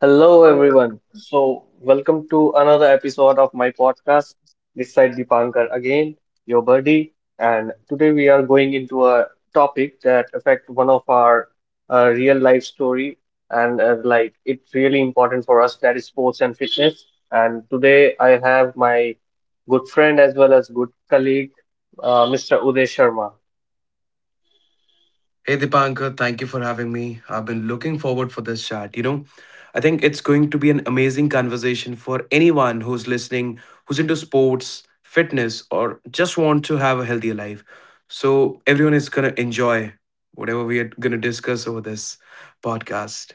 Hello, everyone. Hey So, welcome to another episode of my podcast. This side Dipankar again, your buddy. And today we are going into a topic that affect one of our real life story, and like it's really important for us that is sports and fitness. And today I have my good friend as well as good colleague, Mr. Uday Sharma. Dipankar, thank you for having me. I've been looking forward for this chat. I think it's going to be an amazing conversation for anyone who's listening, who's into sports, fitness, or just want to have a healthier life. So everyone is gonna enjoy whatever we are gonna discuss over this podcast.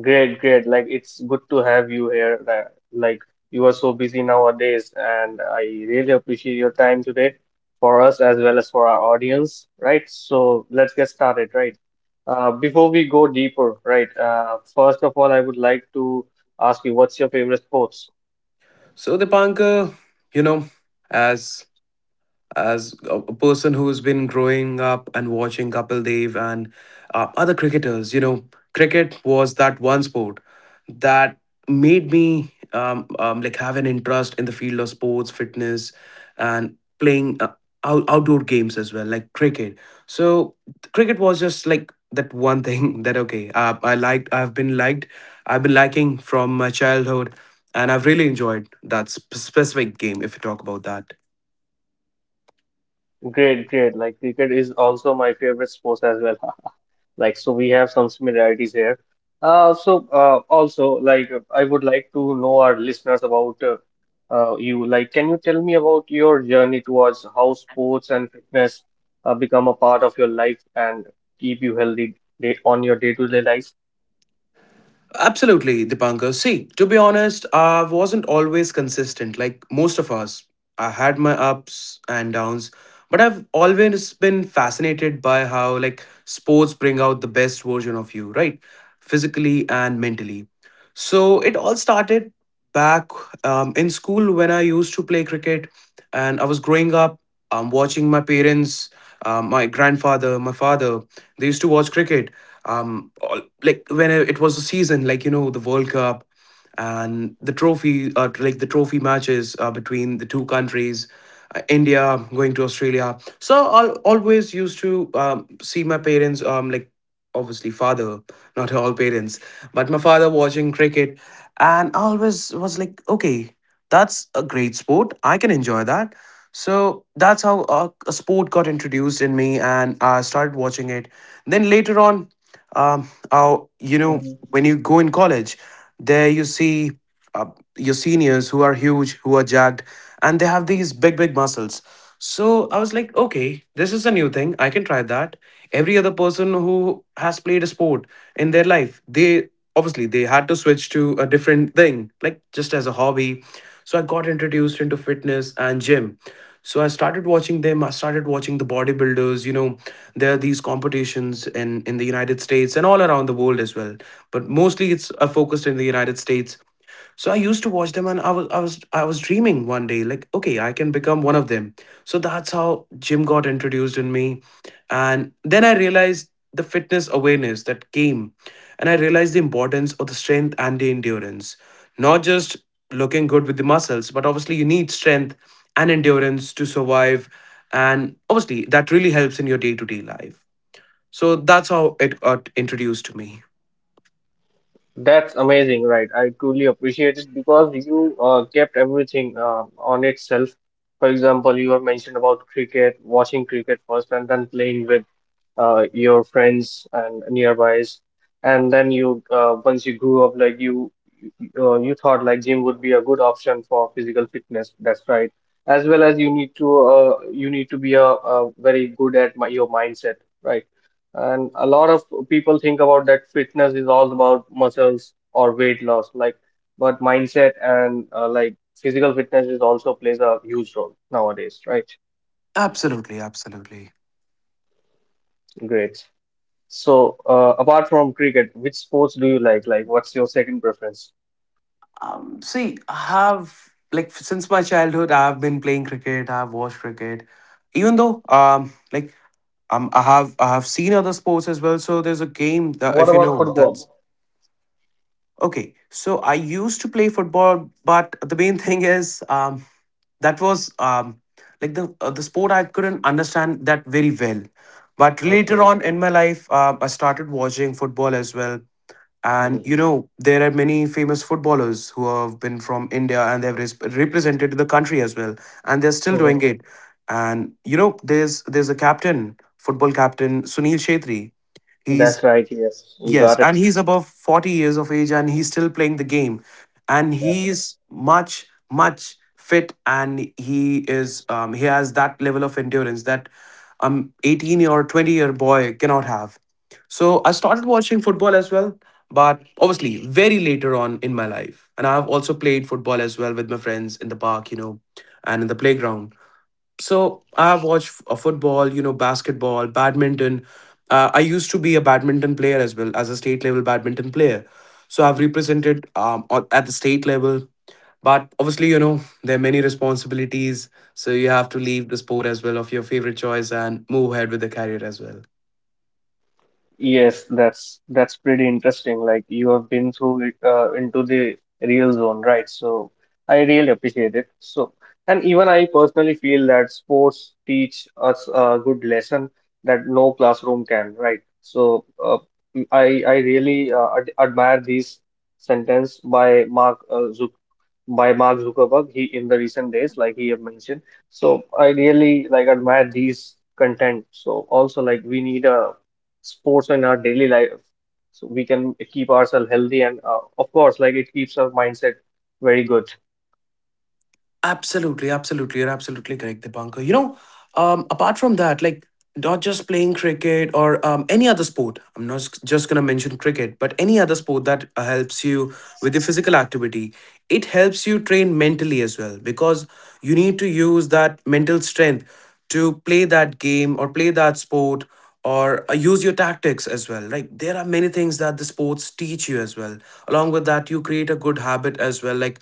Great, great. Like it's good to have you here. Like you are so busy nowadays, and I really appreciate your time today for us as well as for our audience, right? So let's get started, right? Before we go deeper, right? First of all, I would like to ask you, what's your favorite sports? So Dipankar, you know, as as a person who's been growing up and watching Kapil Dev and other cricketers, cricket was that one sport that made me like have an interest in the field of sports, fitness, and playing outdoor games as well, like cricket. So cricket was just like that one thing that okay, I liked. I've been liked. I've been liking from my childhood, and I've really enjoyed that specific game. If you talk about that. Great, great. Like cricket is also my favorite sports as well. Like, so we have some similarities here. Also, like, I would like to know our listeners about you. Like, can you tell me about your journey towards how sports and fitness become a part of your life and keep you healthy day on your day-to-day life? Absolutely, Dipankar. See, to be honest, I wasn't always consistent like most of us. I had my ups and downs, but I've always been fascinated by how like sports bring out the best version of you, right? Physically and mentally. So it all started back in school when I used to play cricket, and I was growing up watching my parents, my grandfather, my father. They used to watch cricket all, like when it was a season, like the World Cup and the trophy matches, between the two countries, India going to Australia. So I always used to see my parents, like, obviously father, not all parents, but my father watching cricket. And I always was like, okay, that's a great sport, I can enjoy that. So that's how a sport got introduced in me and I started watching it. Then later on, oh, Mhm. when you go in college, there you see uh, your seniors who are huge, who are jacked, and they have these big, big muscles. So I was like, okay, this is a new thing. I can try that. Every other person who has played a sport in their life, they obviously they had to switch to a different thing, like just as a hobby. So I got introduced into fitness and gym. So I started watching them. I started watching the bodybuilders. There are these competitions in the United States and all around the world as well. But mostly, it's focused in the United States. So I used to watch them, and I was dreaming one day like, okay, I can become one of them. So that's how gym got introduced in me, and then I realized the fitness awareness that came, and I realized the importance of the strength and the endurance. Not just looking good with the muscles, but obviously you need strength and endurance to survive, and obviously that really helps in your day-to-day life. So that's how it got introduced to me. That's amazing, right? I truly appreciate it because you kept everything on itself. For example, you have mentioned about cricket, watching cricket first, and then playing with your friends and nearbys, and then you once you grew up, like you thought like gym would be a good option for physical fitness. That's right. As well as you need to be a very good at your mindset, right? And a lot of people think about that fitness is all about muscles or weight loss, like, but mindset and like physical fitness is also plays a huge role nowadays, right? Absolutely, absolutely. Great. So, apart from cricket, which sports do you like? Like, what's your second preference? See, I have like, since my childhood, I've been playing cricket. I've watched cricket, even though I have seen other sports as well. So there's a game that What if you about know football? that's okay. So I used to play football, but the main thing is that was like the sport I couldn't understand that very well. But later Okay. on in my life, I started watching football as well, and Mhm. There are many famous footballers who have been from India, and they've represented the country as well, and they're still doing Hmm. it. And there's a captain, football captain Sunil Shetty. That's He's... right. Yes, you Yes, got it. and he's above 40 years of age and he's still playing the game. And he's much, much fit, and he is, he has that level of endurance that 18 or 20-year boy cannot have. So I started watching football as well, but obviously very later on in my life. And I've also played football as well with my friends in the park, and in the playground. So I watch football, basketball, badminton. I used to be a badminton player, as well as a state level badminton player. So I've represented, at the state level. But obviously, there are many responsibilities, so you have to leave the sport as well of your favorite choice and move ahead with the career as well. Yes, that's pretty interesting. Like you have been through it into the real zone, right? So I really appreciate it. So and even I personally feel that sports teach us a good lesson that no classroom can, right? So I really ad admire this sentence by Mark Zuck by Mark Zuckerberg. He in the recent days, like he have mentioned. So I really like admire these content. So also like we need a sports in our daily life so we can keep ourselves healthy and of course like it keeps our mindset very good. Absolutely, absolutely. You're absolutely correct, Dipankar. Apart from that, like not just playing cricket or any other sport. I'm not just going to mention cricket, but any other sport that helps you with the physical activity. It helps you train mentally as well, because you need to use that mental strength to play that game or play that sport, or use your tactics as well. Like there are many things that the sports teach you as well. Along with that, you create a good habit as well. Like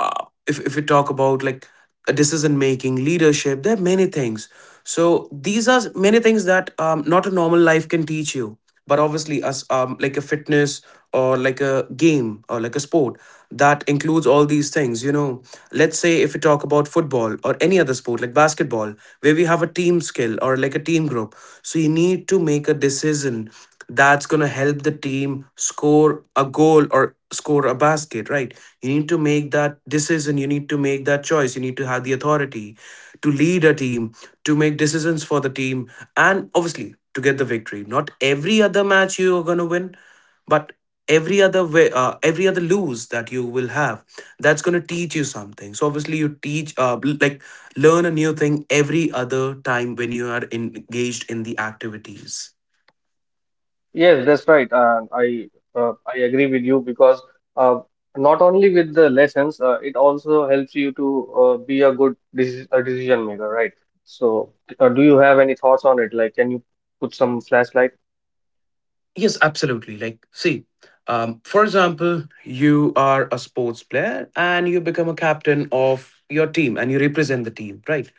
if we talk about like decision making, leadership. There are many things. So these are many things that not a normal life can teach you. But obviously, as like a fitness or like a game or like a sport that includes all these things. Let's say if we talk about football or any other sport like basketball, where we have a team skill or like a team group. So you need to make a decision that's going to help the team score a goal or score a basket, right? You need to make that decision, you need to make that choice, you need to have the authority to lead a team, to make decisions for the team, and obviously to get the victory. Not every other match you're going to win, but every other way, every other lose that you will have, that's going to teach you something. So obviously you teach, like learn a new thing every other time when you are engaged in the activities. Yes, that's right, and I agree with you because uh, not only with the lessons it also helps you to be a good a decision maker, right? So do you have any thoughts on it? Like can you put some flashlight? Yes, absolutely. Like, see, for example, you are a sports player and you become a captain of your team and you represent the team, right?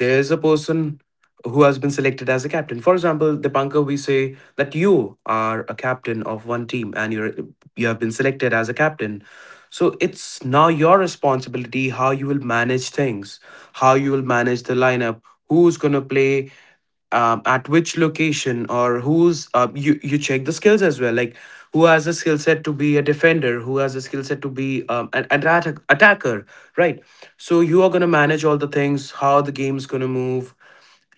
There's a person who has been selected as a captain. For example, Dipankar, we say that you are a captain of one team and you're... you have been selected as a captain. So it's now your responsibility how you will manage things, how you will manage the lineup, who's gonna play at which location, or who's you check the skills as well, like who has a skill set to be a defender, who has a skill set to be, an attacker, right? So you are going to manage all the things, how the game's going to move.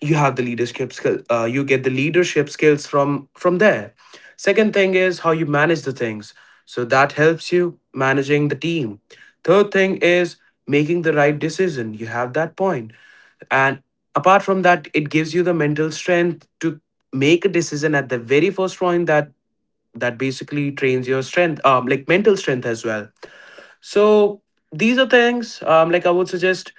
You have the leadership skill, you get the leadership skills from there. Second thing is how you manage the things, so that helps you managing the team. Third thing is making the right decision, you have that point. And apart from that, it gives you the mental strength to make a decision at the very first point, that basically trains your strength, like mental strength as well. So these are things, like I would suggest,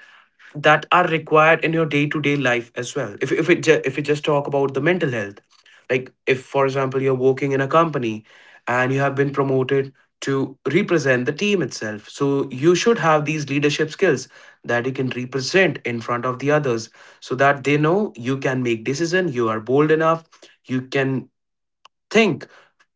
that are required in your day to day life as well. If it ju- if we just talk about the mental health, like if for example you're working in a company and you have been promoted to represent the team itself, so you should have these leadership skills that you can represent in front of the others, so that they know you can make decision, you are bold enough, you can think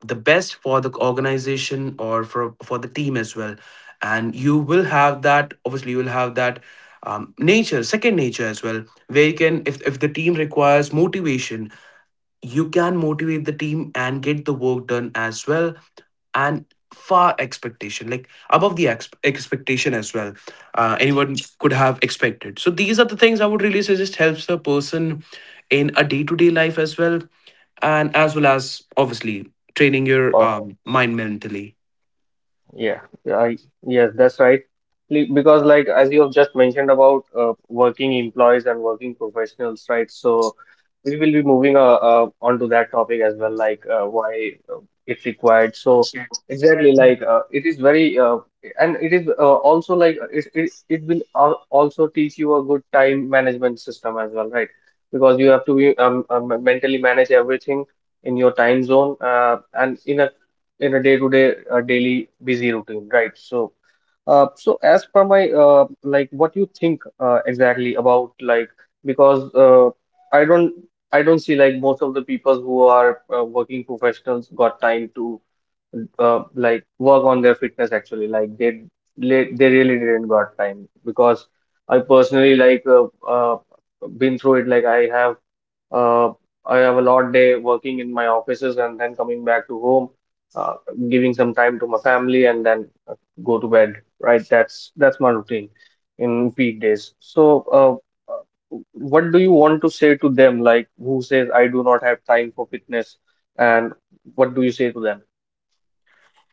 the best for the organization or for the team as well. And you will have that, obviously you will have that, nature second nature as well, where you can, if the team requires motivation, you can motivate the team and get the work done as well, and far expectation like above the expectation as well, anyone could have expected. So these are the things I would really suggest helps a person in a day-to-day life as well, and as well as obviously training your Uh, mind mentally. Yeah, yeah, I Yes, that's right. Because like as you have just mentioned about working employees and working professionals, right? So we will be moving on to that topic as well, like why it's required. So exactly, like it is very and it is also like it will also teach you a good time management system as well, right? Because you have to be mentally manage everything in your time zone and in a day-to-day daily busy routine, right? So, so as per my like, what you think exactly about like because I don't I don't see like most of the people who are working professionals got time to like work on their fitness actually like they really didn't got time because I personally like been through it like uh, I have a lot day working in my offices and then coming back to home, uh, giving some time to my family and then go to bed, right? That's my routine in peak days. So, what do you want to say to them, like who says I do not have time for fitness, and what do you say to them?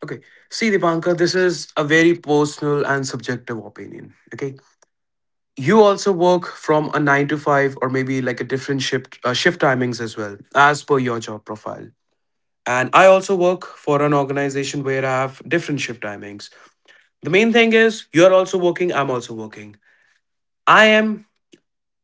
Okay. See, Dipankar, this is a very personal and subjective opinion. Okay. You also work from a nine to five or maybe like a different shift, shift timings as well, as per your job profile. And I also work for an organization where I have different shift timings. The main thing is you're also working, I'm also working. I am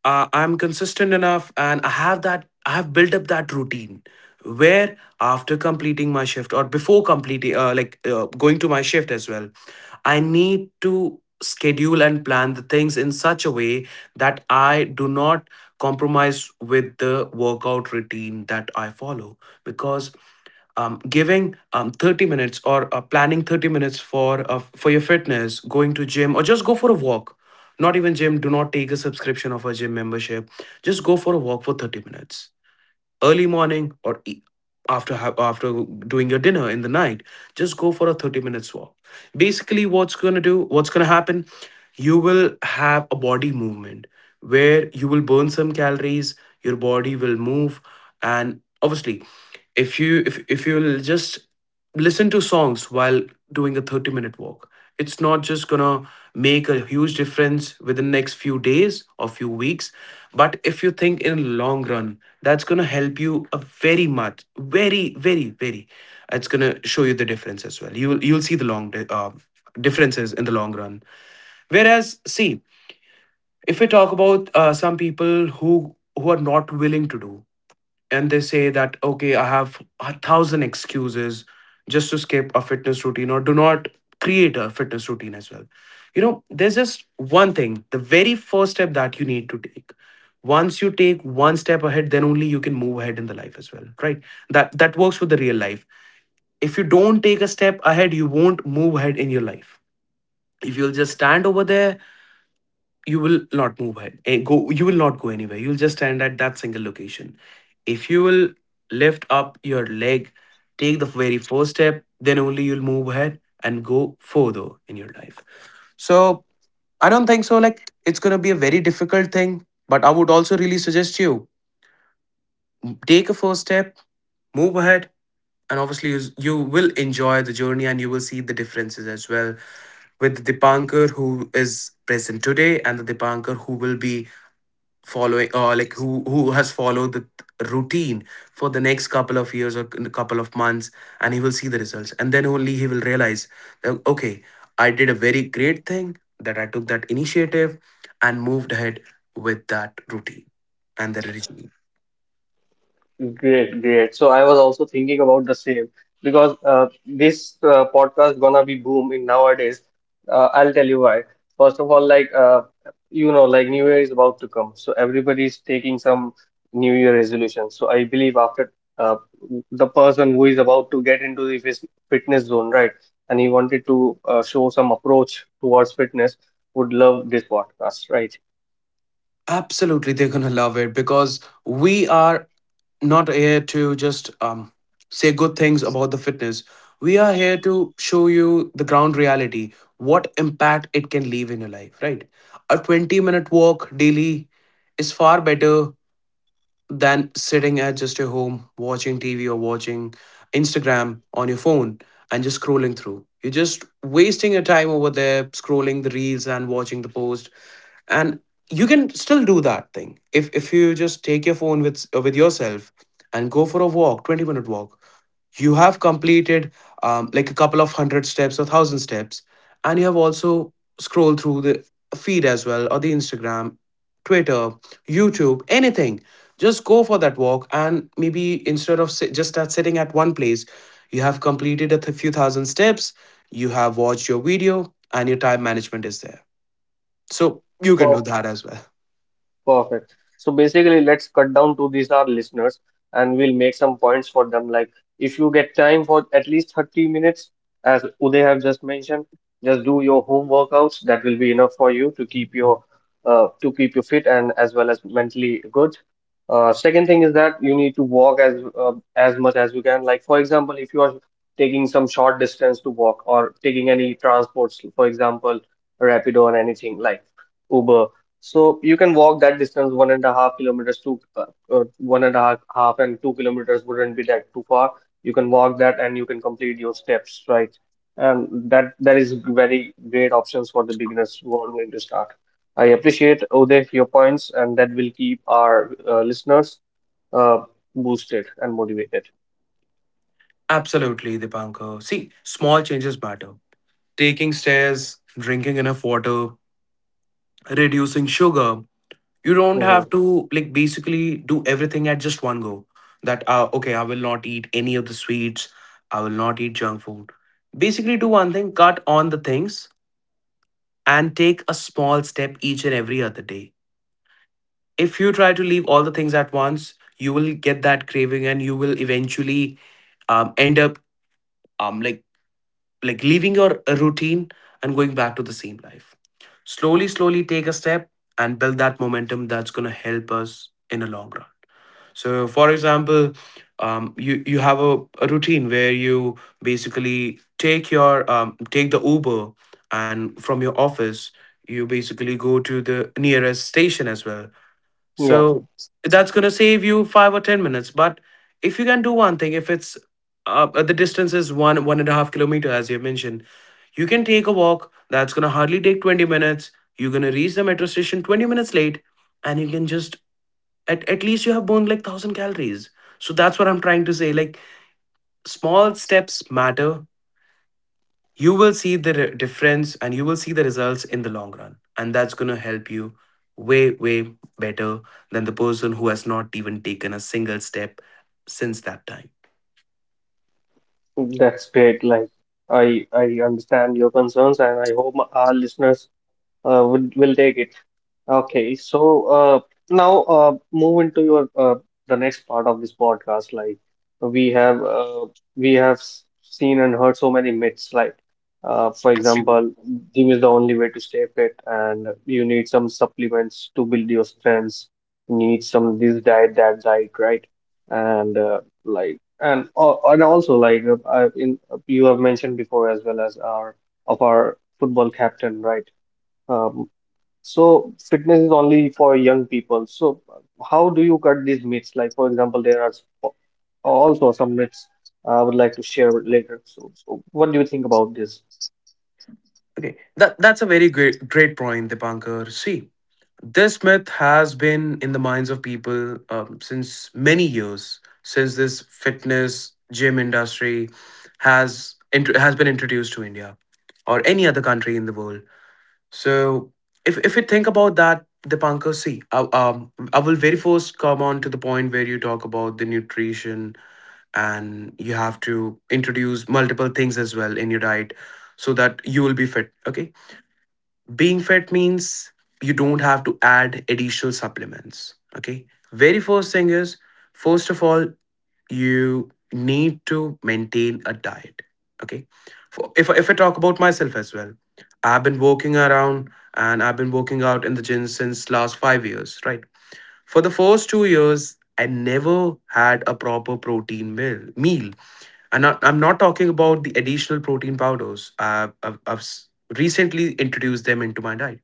I'm consistent enough and I have built up that routine where after completing my shift or before completing going to my shift as well, I need to schedule and plan the things in such a way that I do not compromise with the workout routine that I follow, because giving 30 minutes or planning 30 minutes for your fitness, going to gym or just go for a walk. Not even gym, do not take a subscription of a gym membership, just go for a walk for 30 minutes, early morning or after doing your dinner in the night, just go for a 30 minutes walk. Basically what's going to happen, you will have a body movement where you will burn some calories, your body will move, and obviously if you if you'll just listen to songs while doing a 30-minute walk, it's not just going to make a huge difference within the next few days or few weeks, but if you think in long run, that's going to help you a very much, very very very it's going to show you the difference as well. You will you'll see the differences in the long run. Whereas see, if we talk about some people who are not willing to do, and they say that, okay, I have a thousand excuses just to skip a fitness routine or do not create a fitness routine as well. You know, there's just one thing, the very first step that you need to take. Once you take one step ahead, then only you can move ahead in the life as well, right? That works with the real life. If you don't take a step ahead, you won't move ahead in your life. If you'll just stand over there, you will not move ahead and go you will not go anywhere, you'll just stand at that single location. If you will lift up your leg, take the very first step, then only you'll move ahead and go further in your life. So I don't think so, like it's going to be a very difficult thing, but I would also really suggest you take a first step, move ahead, and obviously you, you will enjoy the journey and you will see the differences as well, with the Dipankar who is present today and the Dipankar who will be following, or like who has followed the routine for the next couple of years or a couple of months. And he will see the results, and then only he will realize that, okay, I did a very great thing that I took that initiative and moved ahead with that routine. And the Great, great. So I was also thinking about the same because this podcast gonna be booming nowadays. I'll tell you why. First of all, like you know, like New Year is about to come, so everybody is taking some New Year resolution. So I believe after uh, the person who is about to get into the fitness zone, right, and he wanted to show some approach towards fitness, would love this podcast, right? absolutely, they're gonna love it, because we are not here to just say good things about the fitness. We are here to show you the ground reality, what impact it can leave in your life, right? A 20-minute walk daily is far better than sitting at just your home watching TV or watching Instagram on your phone and just scrolling through. You're just wasting your time over there, scrolling the reels and watching the post. And you can still do that thing, if you just take your phone with yourself and go for a walk, 20-minute walk. You have completed like a couple of hundred steps or thousand steps, and you have also scrolled through the feed as well, or the Instagram, Twitter, YouTube, anything. Just go for that walk, and maybe instead of sitting at one place, you have completed a few thousand steps, you have watched your video, and your time management is there. So you can do that as well. Perfect. So basically, let's cut down to these our listeners and we'll make some points for them. Like if you get time for at least 30 minutes, as Uday have just mentioned, just do your home workouts. That will be enough for you to keep your to keep you fit and as well as mentally good. Second thing is that you need to walk as much as you can. Like for example, if you are taking some short distance to walk or taking any transports, for example, Rapido or anything like Uber, so you can walk that distance, 1.5 kilometers to one and a half, half and 2 kilometers wouldn't be that too far. You can walk that and you can complete your steps, right? And that that is very great options for the beginners who are going to start. I appreciate Uday your points, and that will keep our listeners uh, boosted and motivated. Absolutely, Dipankar. See, small changes matter. Taking stairs, drinking enough water, reducing sugar. You don't have Mhm. to, like, basically do everything at just one go. That okay, I will not eat any of the sweets, I will not eat junk food. Basically do one thing: cut on the things and take a small step each and every other day. If you try to leave all the things at once, you will get that craving, and you will eventually end up um, like leaving your routine and going back to the same life. Slowly, slowly take a step and build that momentum, that's going to help us in the long run. So for example, you have a routine where you basically take the Uber, and from your office you basically go to the nearest station as well. Yeah, So that's going to save you five or 10 minutes. But if you can do one thing, if it's the distance is 1.5 kilometer, as you mentioned, you can take a walk. That's going to hardly take 20 minutes. You're going to reach the metro station 20 minutes late, and you can just, at least you have burned like 1000 calories. So that's what I'm trying to say. Like small steps matter, you will see the difference, and you will see the results in the long run, and that's going to help you way better than the person who has not even taken a single step since that time. that's great. Like I understand your concerns, and I hope our listeners will take it. Okay, so now move into your the next part of this podcast. Like we have uh, we have seen and heard so many myths. Like for example, gym is the only way to stay fit, and you need some supplements to build your strengths. You need some this diet, that diet, right? And and also like in you have mentioned before as well as our of our football captain, right? Um, so fitness is only for young people. So how do you cut these myths? Like for example, there are also some myths I would like to share later. So what do you think about this? Okay, that's a very great point, Dipankar. See, this myth has been in the minds of people since many years, since this fitness gym industry has been introduced to India or any other country in the world. So if you think about that, Dipankar, see, I will very first come on to the point where you talk about the nutrition, and you have to introduce multiple things as well in your diet so that you will be fit. Okay, being fit means you don't have to add additional supplements. Okay, very first thing is, first of all, you need to maintain a diet. Okay. For, if I talk about myself as well, i've been working around I've been working out in the gym since last 5 years, right? For the first two years, I never had a proper protein meal. And I'm not talking about the additional protein powders. I've recently introduced them into my diet.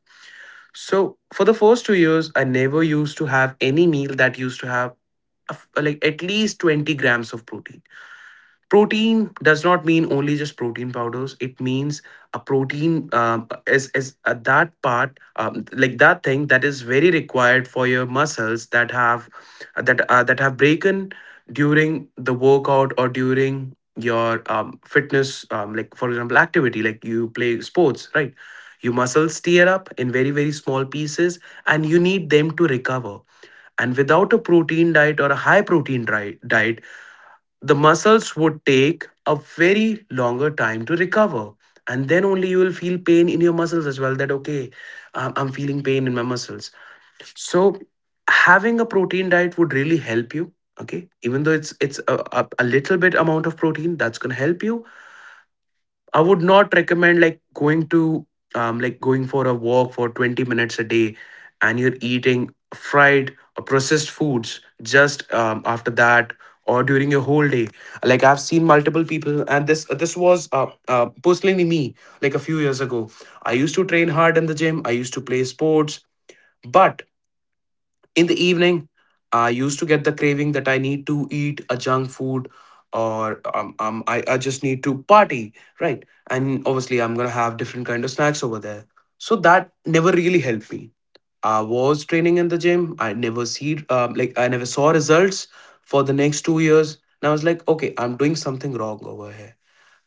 So for the first two years, I never used to have any meal that used to have a like at least 20 grams of protein. Protein does not mean only just protein powders, it means a protein is that part, like that thing that is very required for your muscles, that have that have broken during the workout or during your fitness like, for example, activity, like you play sports, right? Your muscles tear up in very very small pieces, and you need them to recover. And without a protein diet or a high protein diet, the muscles would take a very longer time to recover, and then only you will feel pain in your muscles as well. That okay, I'm feeling pain in my muscles. So having a protein diet would really help you. Okay, even though it's a, a little bit amount of protein, that's going to help you. I would not recommend like going to like going for a walk for 20 minutes a day and you're eating fried or processed foods just after that or during your whole day. Like I've seen multiple people, and this was personally me, like a few years ago. I used to train hard in the gym, I used to play sports, but in the evening I used to get the craving that I need to eat a junk food, or I just need to party, right? And obviously I'm gonna have different kind of snacks over there. So that never really helped me. I was training in the gym, I never see like I never saw results for the next 2 years, and I was like, okay, I'm doing something wrong over here.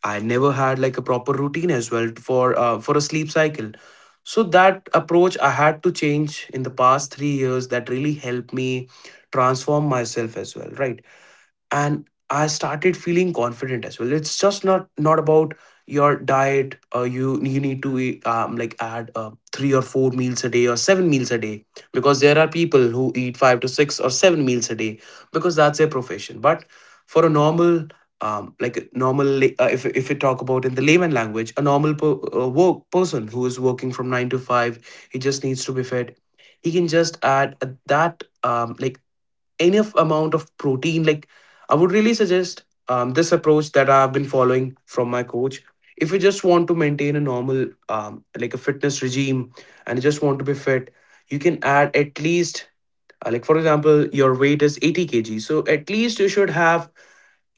I never had like a proper routine as well for a sleep cycle. So that approach I had to change in the past 3 years, that really helped me transform myself as well, right? And I started feeling confident as well. It's just not about your diet. You need to eat, like add three or four meals a day or seven meals a day, because there are people who eat five to six or seven meals a day because that's their profession. But for a normal, like a normal if we talk about in the layman language, a normal work person who is working from 9 to 5, he just needs to be fed. He can just add that, like enough amount of protein. Like, I would really suggest this approach that I've been following from my coach. If you just want to maintain a normal, like a fitness regime, and you just want to be fit, you can add at least, like for example your weight is 80 kg, so at least you should have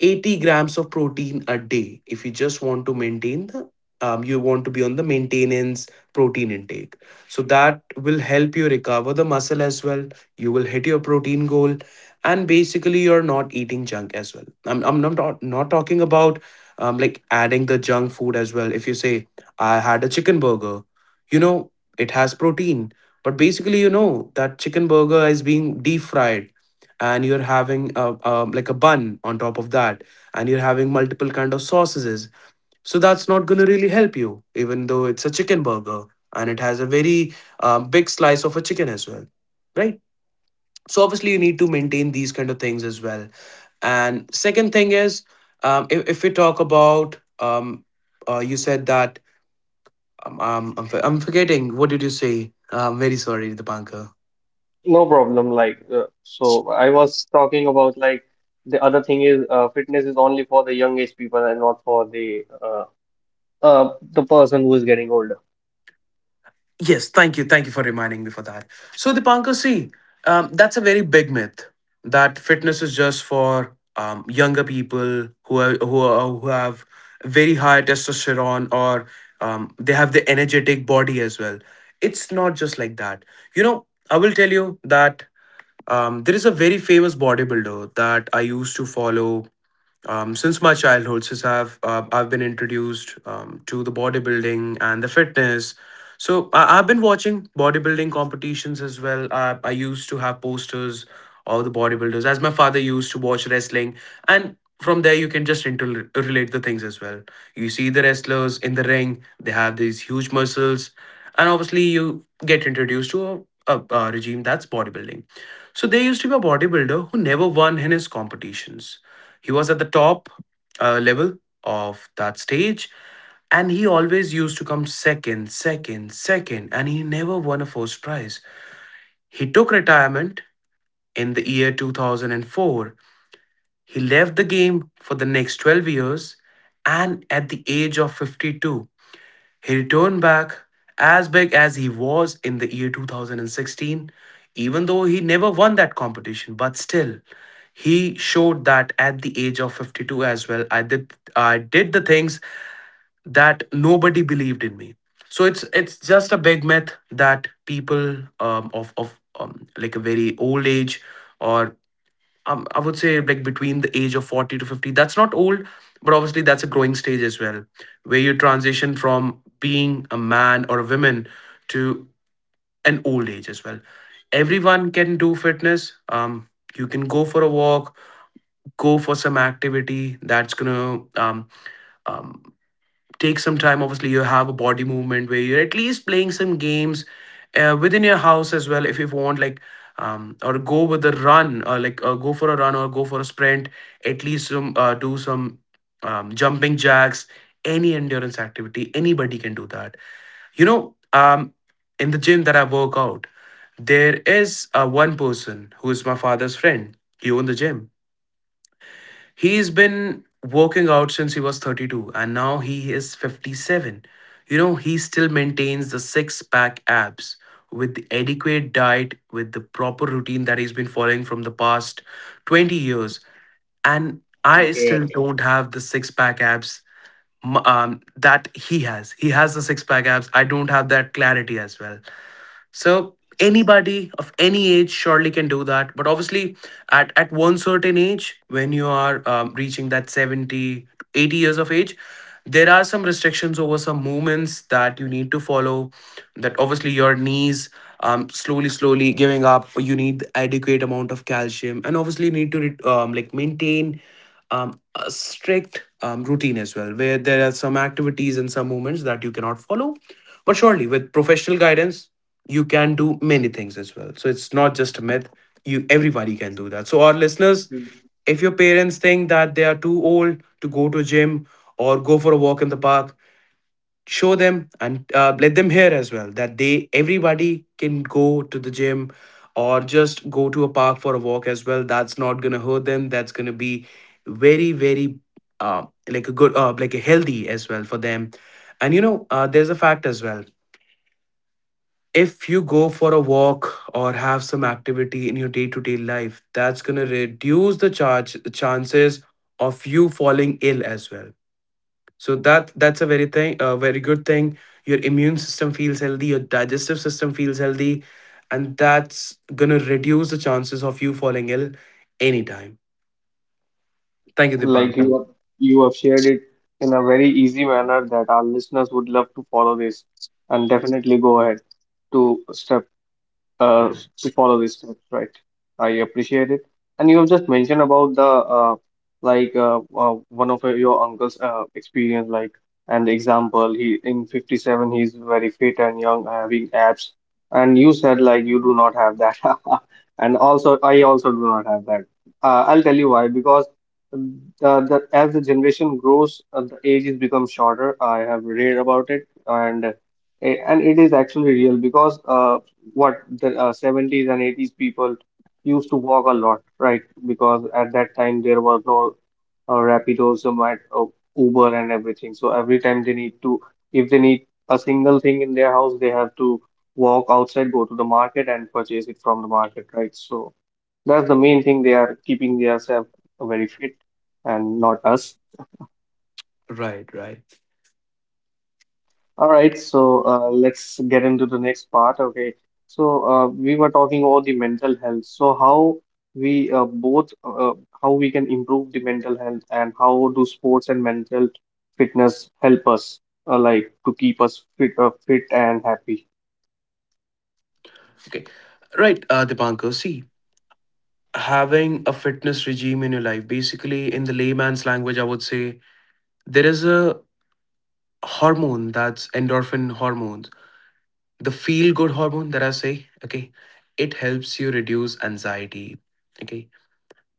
80 grams of protein a day if you just want to maintain the, you want to be on the maintenance protein intake. So that will help you recover the muscle as well. You will hit your protein goal, and basically you're not eating junk as well. I'm not talking about, like adding the junk food as well. If you say I had a chicken burger, you know it has protein, but basically you know that chicken burger is being deep fried, and you're having a, like a bun on top of that, and you're having multiple kind of sauces. So that's not going to really help you, even though it's a chicken burger and it has a very, big slice of a chicken as well, right? So obviously you need to maintain these kind of things as well. And second thing is, if we talk about, you said that, I'm forgetting what did you say. I'm very sorry. The No problem. Like so, I was talking about like the other thing is fitness is only for the young age people and not for the person who is getting older. yes, thank you. Thank you for reminding me for that. So, Dipankar, see, that's a very big myth, that fitness is just for younger people who have very high testosterone, or they have the energetic body as well. It's not just like that. You know, I will tell you that there is a very famous bodybuilder that I used to follow since my childhood, since I've been introduced to the bodybuilding and the fitness. So I've been watching bodybuilding competitions as well. I used to have posters of the bodybuilders, as my father used to watch wrestling, and from there you can just interrelate the things as well. You see the wrestlers in the ring; they have these huge muscles, and obviously you get introduced to a regime that's bodybuilding. So there used to be a bodybuilder who never won in his competitions. He was at the top level of that stage, and he always used to come second, second, second, and he never won a first prize. He took retirement in the year 2004. He left the game for the next 12 years, and at the age of 52 he returned back as big as he was in the year 2016. Even though he never won that competition, but still he showed that at the age of 52 as well, I did the things that nobody believed in me. So it's just a big myth that people, of like a very old age, or I would say like between the age of 40 to 50. That's not old, but obviously that's a growing stage as well, where you transition from being a man or a woman to an old age as well. Everyone can do fitness. You can go for a walk, go for some activity that's gonna, um, take some time. Obviously you have a body movement where you're at least playing some games within your house as well. If you want, like or go with a run, or go for a run or go for a sprint, at least some, do some jumping jacks, any endurance activity. Anybody can do that, you know. In the gym that I work out, there is one person who is my father's friend. He owned the gym. He's been working out since he was 32, and now he is 57. You know, he still maintains the six pack abs, with the adequate diet, with the proper routine that he's been following from the past 20 years. And I still Yeah. don't have the six pack abs that he has. He has the six pack abs. I don't have that clarity as well. So anybody of any age surely can do that. But obviously, at one certain age, when you are reaching that 70, 80 years of age, there are some restrictions over some movements that you need to follow. That obviously your knees, slowly slowly giving up. You need adequate amount of calcium, and obviously need to maintain a strict routine as well, where there are some activities and some movements that you cannot follow. But surely with professional guidance you can do many things as well. So it's not just a myth. You everybody can do that. So our listeners, if your parents think that they are too old to go to gym or go for a walk in the park, show them and let them hear as well that they everybody can go to the gym or just go to a park for a walk as well. That's not gonna hurt them. That's gonna be very very like a good like a healthy as well for them. And you know, there's a fact as well. If you go for a walk or have some activity in your day-to-day life, that's going to reduce the charge chances of you falling ill as well. So that's a very thing, a very good thing. Your immune system feels healthy, your digestive system feels healthy, and that's going to reduce the chances of you falling ill anytime. Thank you, Like Dipankar. You have shared it in a very easy manner that our listeners would love to follow this and definitely go ahead to step uh, to follow these steps, right? I appreciate it. And you have just mentioned about the one of your uncle's experience, like and example. He in 57, he's very fit and young, having abs. And you said like you do not have that, and also I also do not have that. I'll tell you why. Because the as the generation grows, the ages become shorter. I have read about it, and and it is actually real because what the 70s and 80s people used to walk a lot, right? Because at that time there were no Rapidos, Zomato, Uber, and everything. So every time they need to, if they need a single thing in their house, they have to walk outside, go to the market, and purchase it from the market, right? So that's the main thing. They are keeping themselves very fit and not us. Right, right. All right, so let's get into the next part. Okay, so we were talking about the mental health. So how we both how we can improve the mental health and how do sports and mental fitness help us like to keep us fit, fit and happy. Okay. Right, Dipankar, see, having a fitness regime in your life, basically in the layman's language I would say, there is a hormone, that's endorphin hormones, the feel good hormone that I say. Okay, it helps you reduce anxiety. Okay,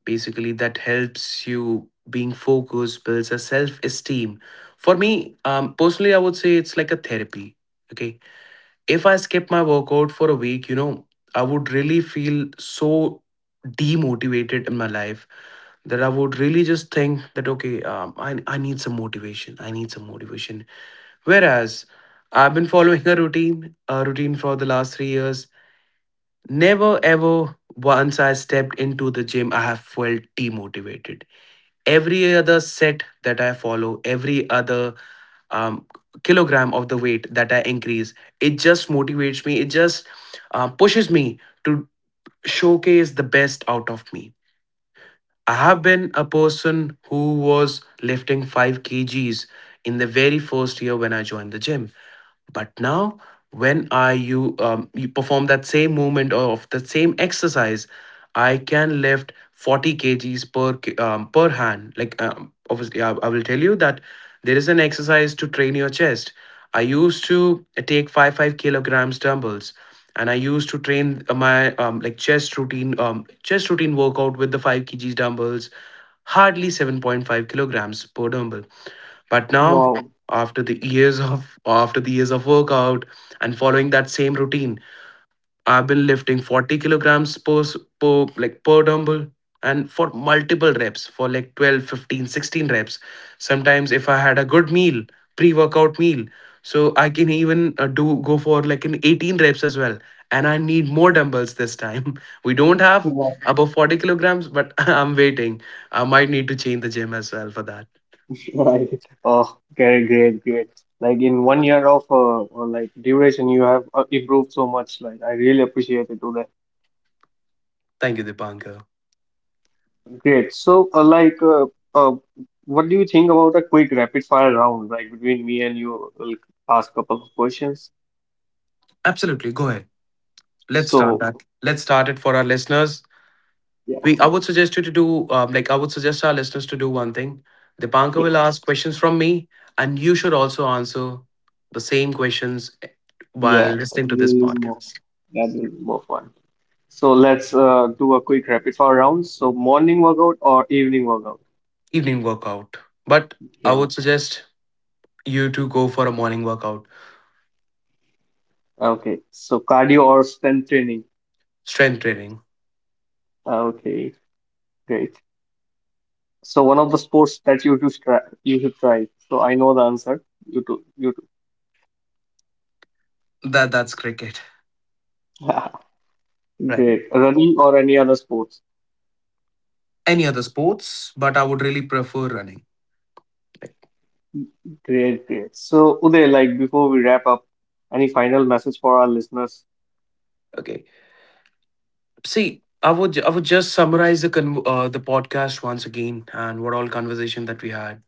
basically that helps you being focused, builds a self esteem. For me, personally I would say it's like a therapy. Okay, if I skip my workout for a week, you know, I would really feel so demotivated in my life, that I would really just think that okay, I need some motivation, I need some motivation. Whereas I've been following a routine for the last 3 years. Never ever once I stepped into the gym, I have felt demotivated. Every other set that I follow, every other um, kilogram of the weight that I increase, it just motivates me. It just pushes me to showcase the best out of me. I have been a person who was lifting 5 kgs in the very first year when I joined the gym. But now, when I you you perform that same movement or of the same exercise, I can lift 40 kgs per per hand. Like obviously, I will tell you that there is an exercise to train your chest. I used to take five kilograms dumbbells, and I used to train my, like chest routine workout with the five kgs dumbbells, hardly 7.5 kilograms per dumbbell. But now, Wow, after the years of workout and following that same routine, I've been lifting 40 kilograms per, per like per dumbbell, and for multiple reps, for like 12, 15, 16 reps. Sometimes if I had a good meal, pre-workout meal, so I can even do go for like an 18 reps as well. And I need more dumbbells this time. We don't have that's above 40 kilograms, but I'm waiting. I might need to change the gym as well for that. right. Oh, great, great, great. Like in one year of like duration, you have improved so much. Like I really appreciate it, Uday. Thank you, Dipanka. Great. So, uh, what do you think about a quick rapid fire round, like between me and you? We'll ask a couple of questions. Absolutely. Go ahead. Let's start So, that. Let's start it for our listeners. yeah, I would suggest you to do, I would suggest our listeners to do one thing. Dipanka yeah, will ask questions from me, and you should also answer the same questions while yeah, that will listening to this be more, podcast. that will be more fun. So let's do a quick rapid fire round. So, morning workout or evening workout? Evening workout. But I Okay. would suggest you to go for a morning workout. Okay. So, cardio or strength training? Strength training. Okay, great. So, one of the sports that you should try, you should try. So, I know the answer. You too, you too. That that's cricket. Right. Great. Running or any other sports? Any other sports, but I would really prefer running. Like, Great, great. So, Uday, like before we wrap up, any final message for our listeners? okay. See, I would just summarize the the podcast once again and what all conversation that we had.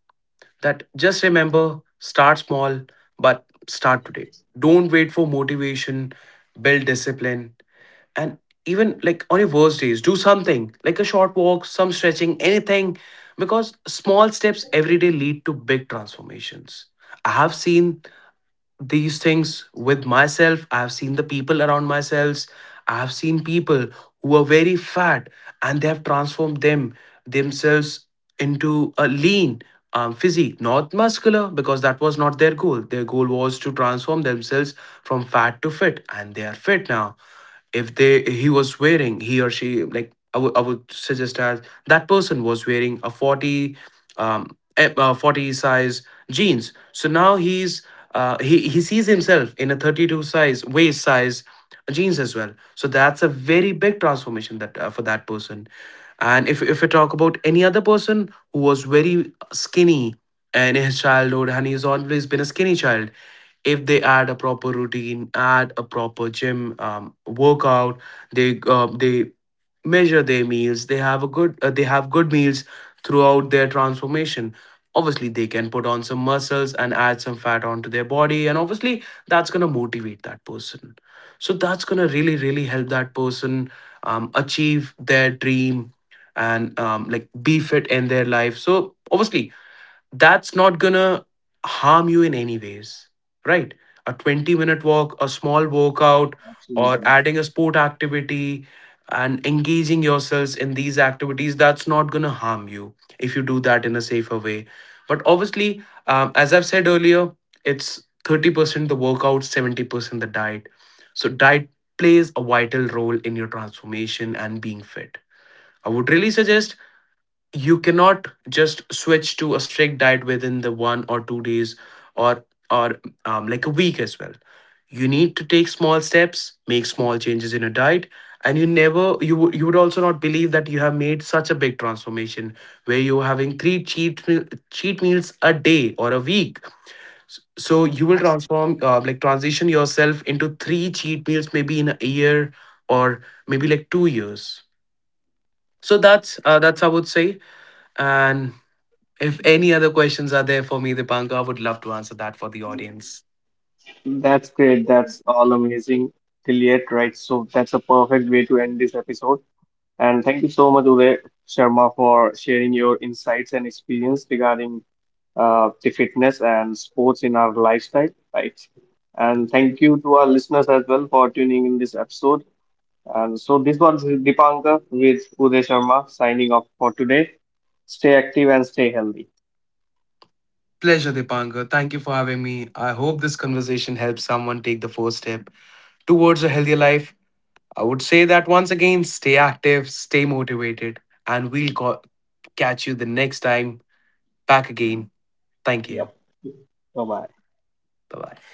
That just remember, start small, but start today. Don't wait for motivation. Build discipline, and even like on your worst days, do something like a short walk, some stretching, anything, because small steps every day lead to big transformations. I have seen these things with myself. I've seen the people around myself. I've seen people who are very fat and they have transformed themselves into a lean, physique, not muscular, because that was not their goal. Their goal was to transform themselves from fat to fit, and they are fit now. If they, he was wearing, he or she, like I would suggest, as that person was wearing a 40, 40 size jeans, so now he's, he sees himself in a 32 size waist size jeans as well. So that's a very big transformation that for that person. And if we talk about any other person who was very skinny in his childhood, and he's always been a skinny child, if they add a proper routine, add a proper gym, workout, they measure their meals, they have a good they have good meals throughout their transformation, obviously they can put on some muscles and add some fat onto their body. And obviously that's going to motivate that person. So that's going to really really help that person achieve their dream and like be fit in their life. So obviously that's not gonna harm you in any ways, right? A 20-minute walk, a small workout, or Absolutely. adding a sport activity, and engaging yourselves in these activities, that's not gonna harm you if you do that in a safer way. But obviously, as I've said earlier, it's 30% the workout, 70% the diet. So diet plays a vital role in your transformation and being fit. I would really suggest, you cannot just switch to a strict diet within the 1 or 2 days, or or, like a week as well. You need to take small steps, make small changes in your diet, and you never, you would also not believe that you have made such a big transformation, where you're having three cheat meals a day or a week. So you will transform like transition yourself into three cheat meals maybe in a year, or maybe like 2 years. So that's I would say. And if any other questions are there for me, Dipankar, I would love to answer that for the audience. That's great. That's all amazing till yet, right? So that's a perfect way to end this episode. And thank you so much, Uday Sharma, for sharing your insights and experience regarding the fitness and sports in our lifestyle, right? And thank you to our listeners as well for tuning in this episode. And so this was Dipanka with Uday Sharma signing off for today. Stay active and stay healthy. Pleasure, Dipankar. Thank you for having me. I hope this conversation helps someone take the first step towards a healthier life. I would say that once again, stay active, stay motivated, and catch you the next time back again. Thank you. Yep. Bye bye. Bye bye.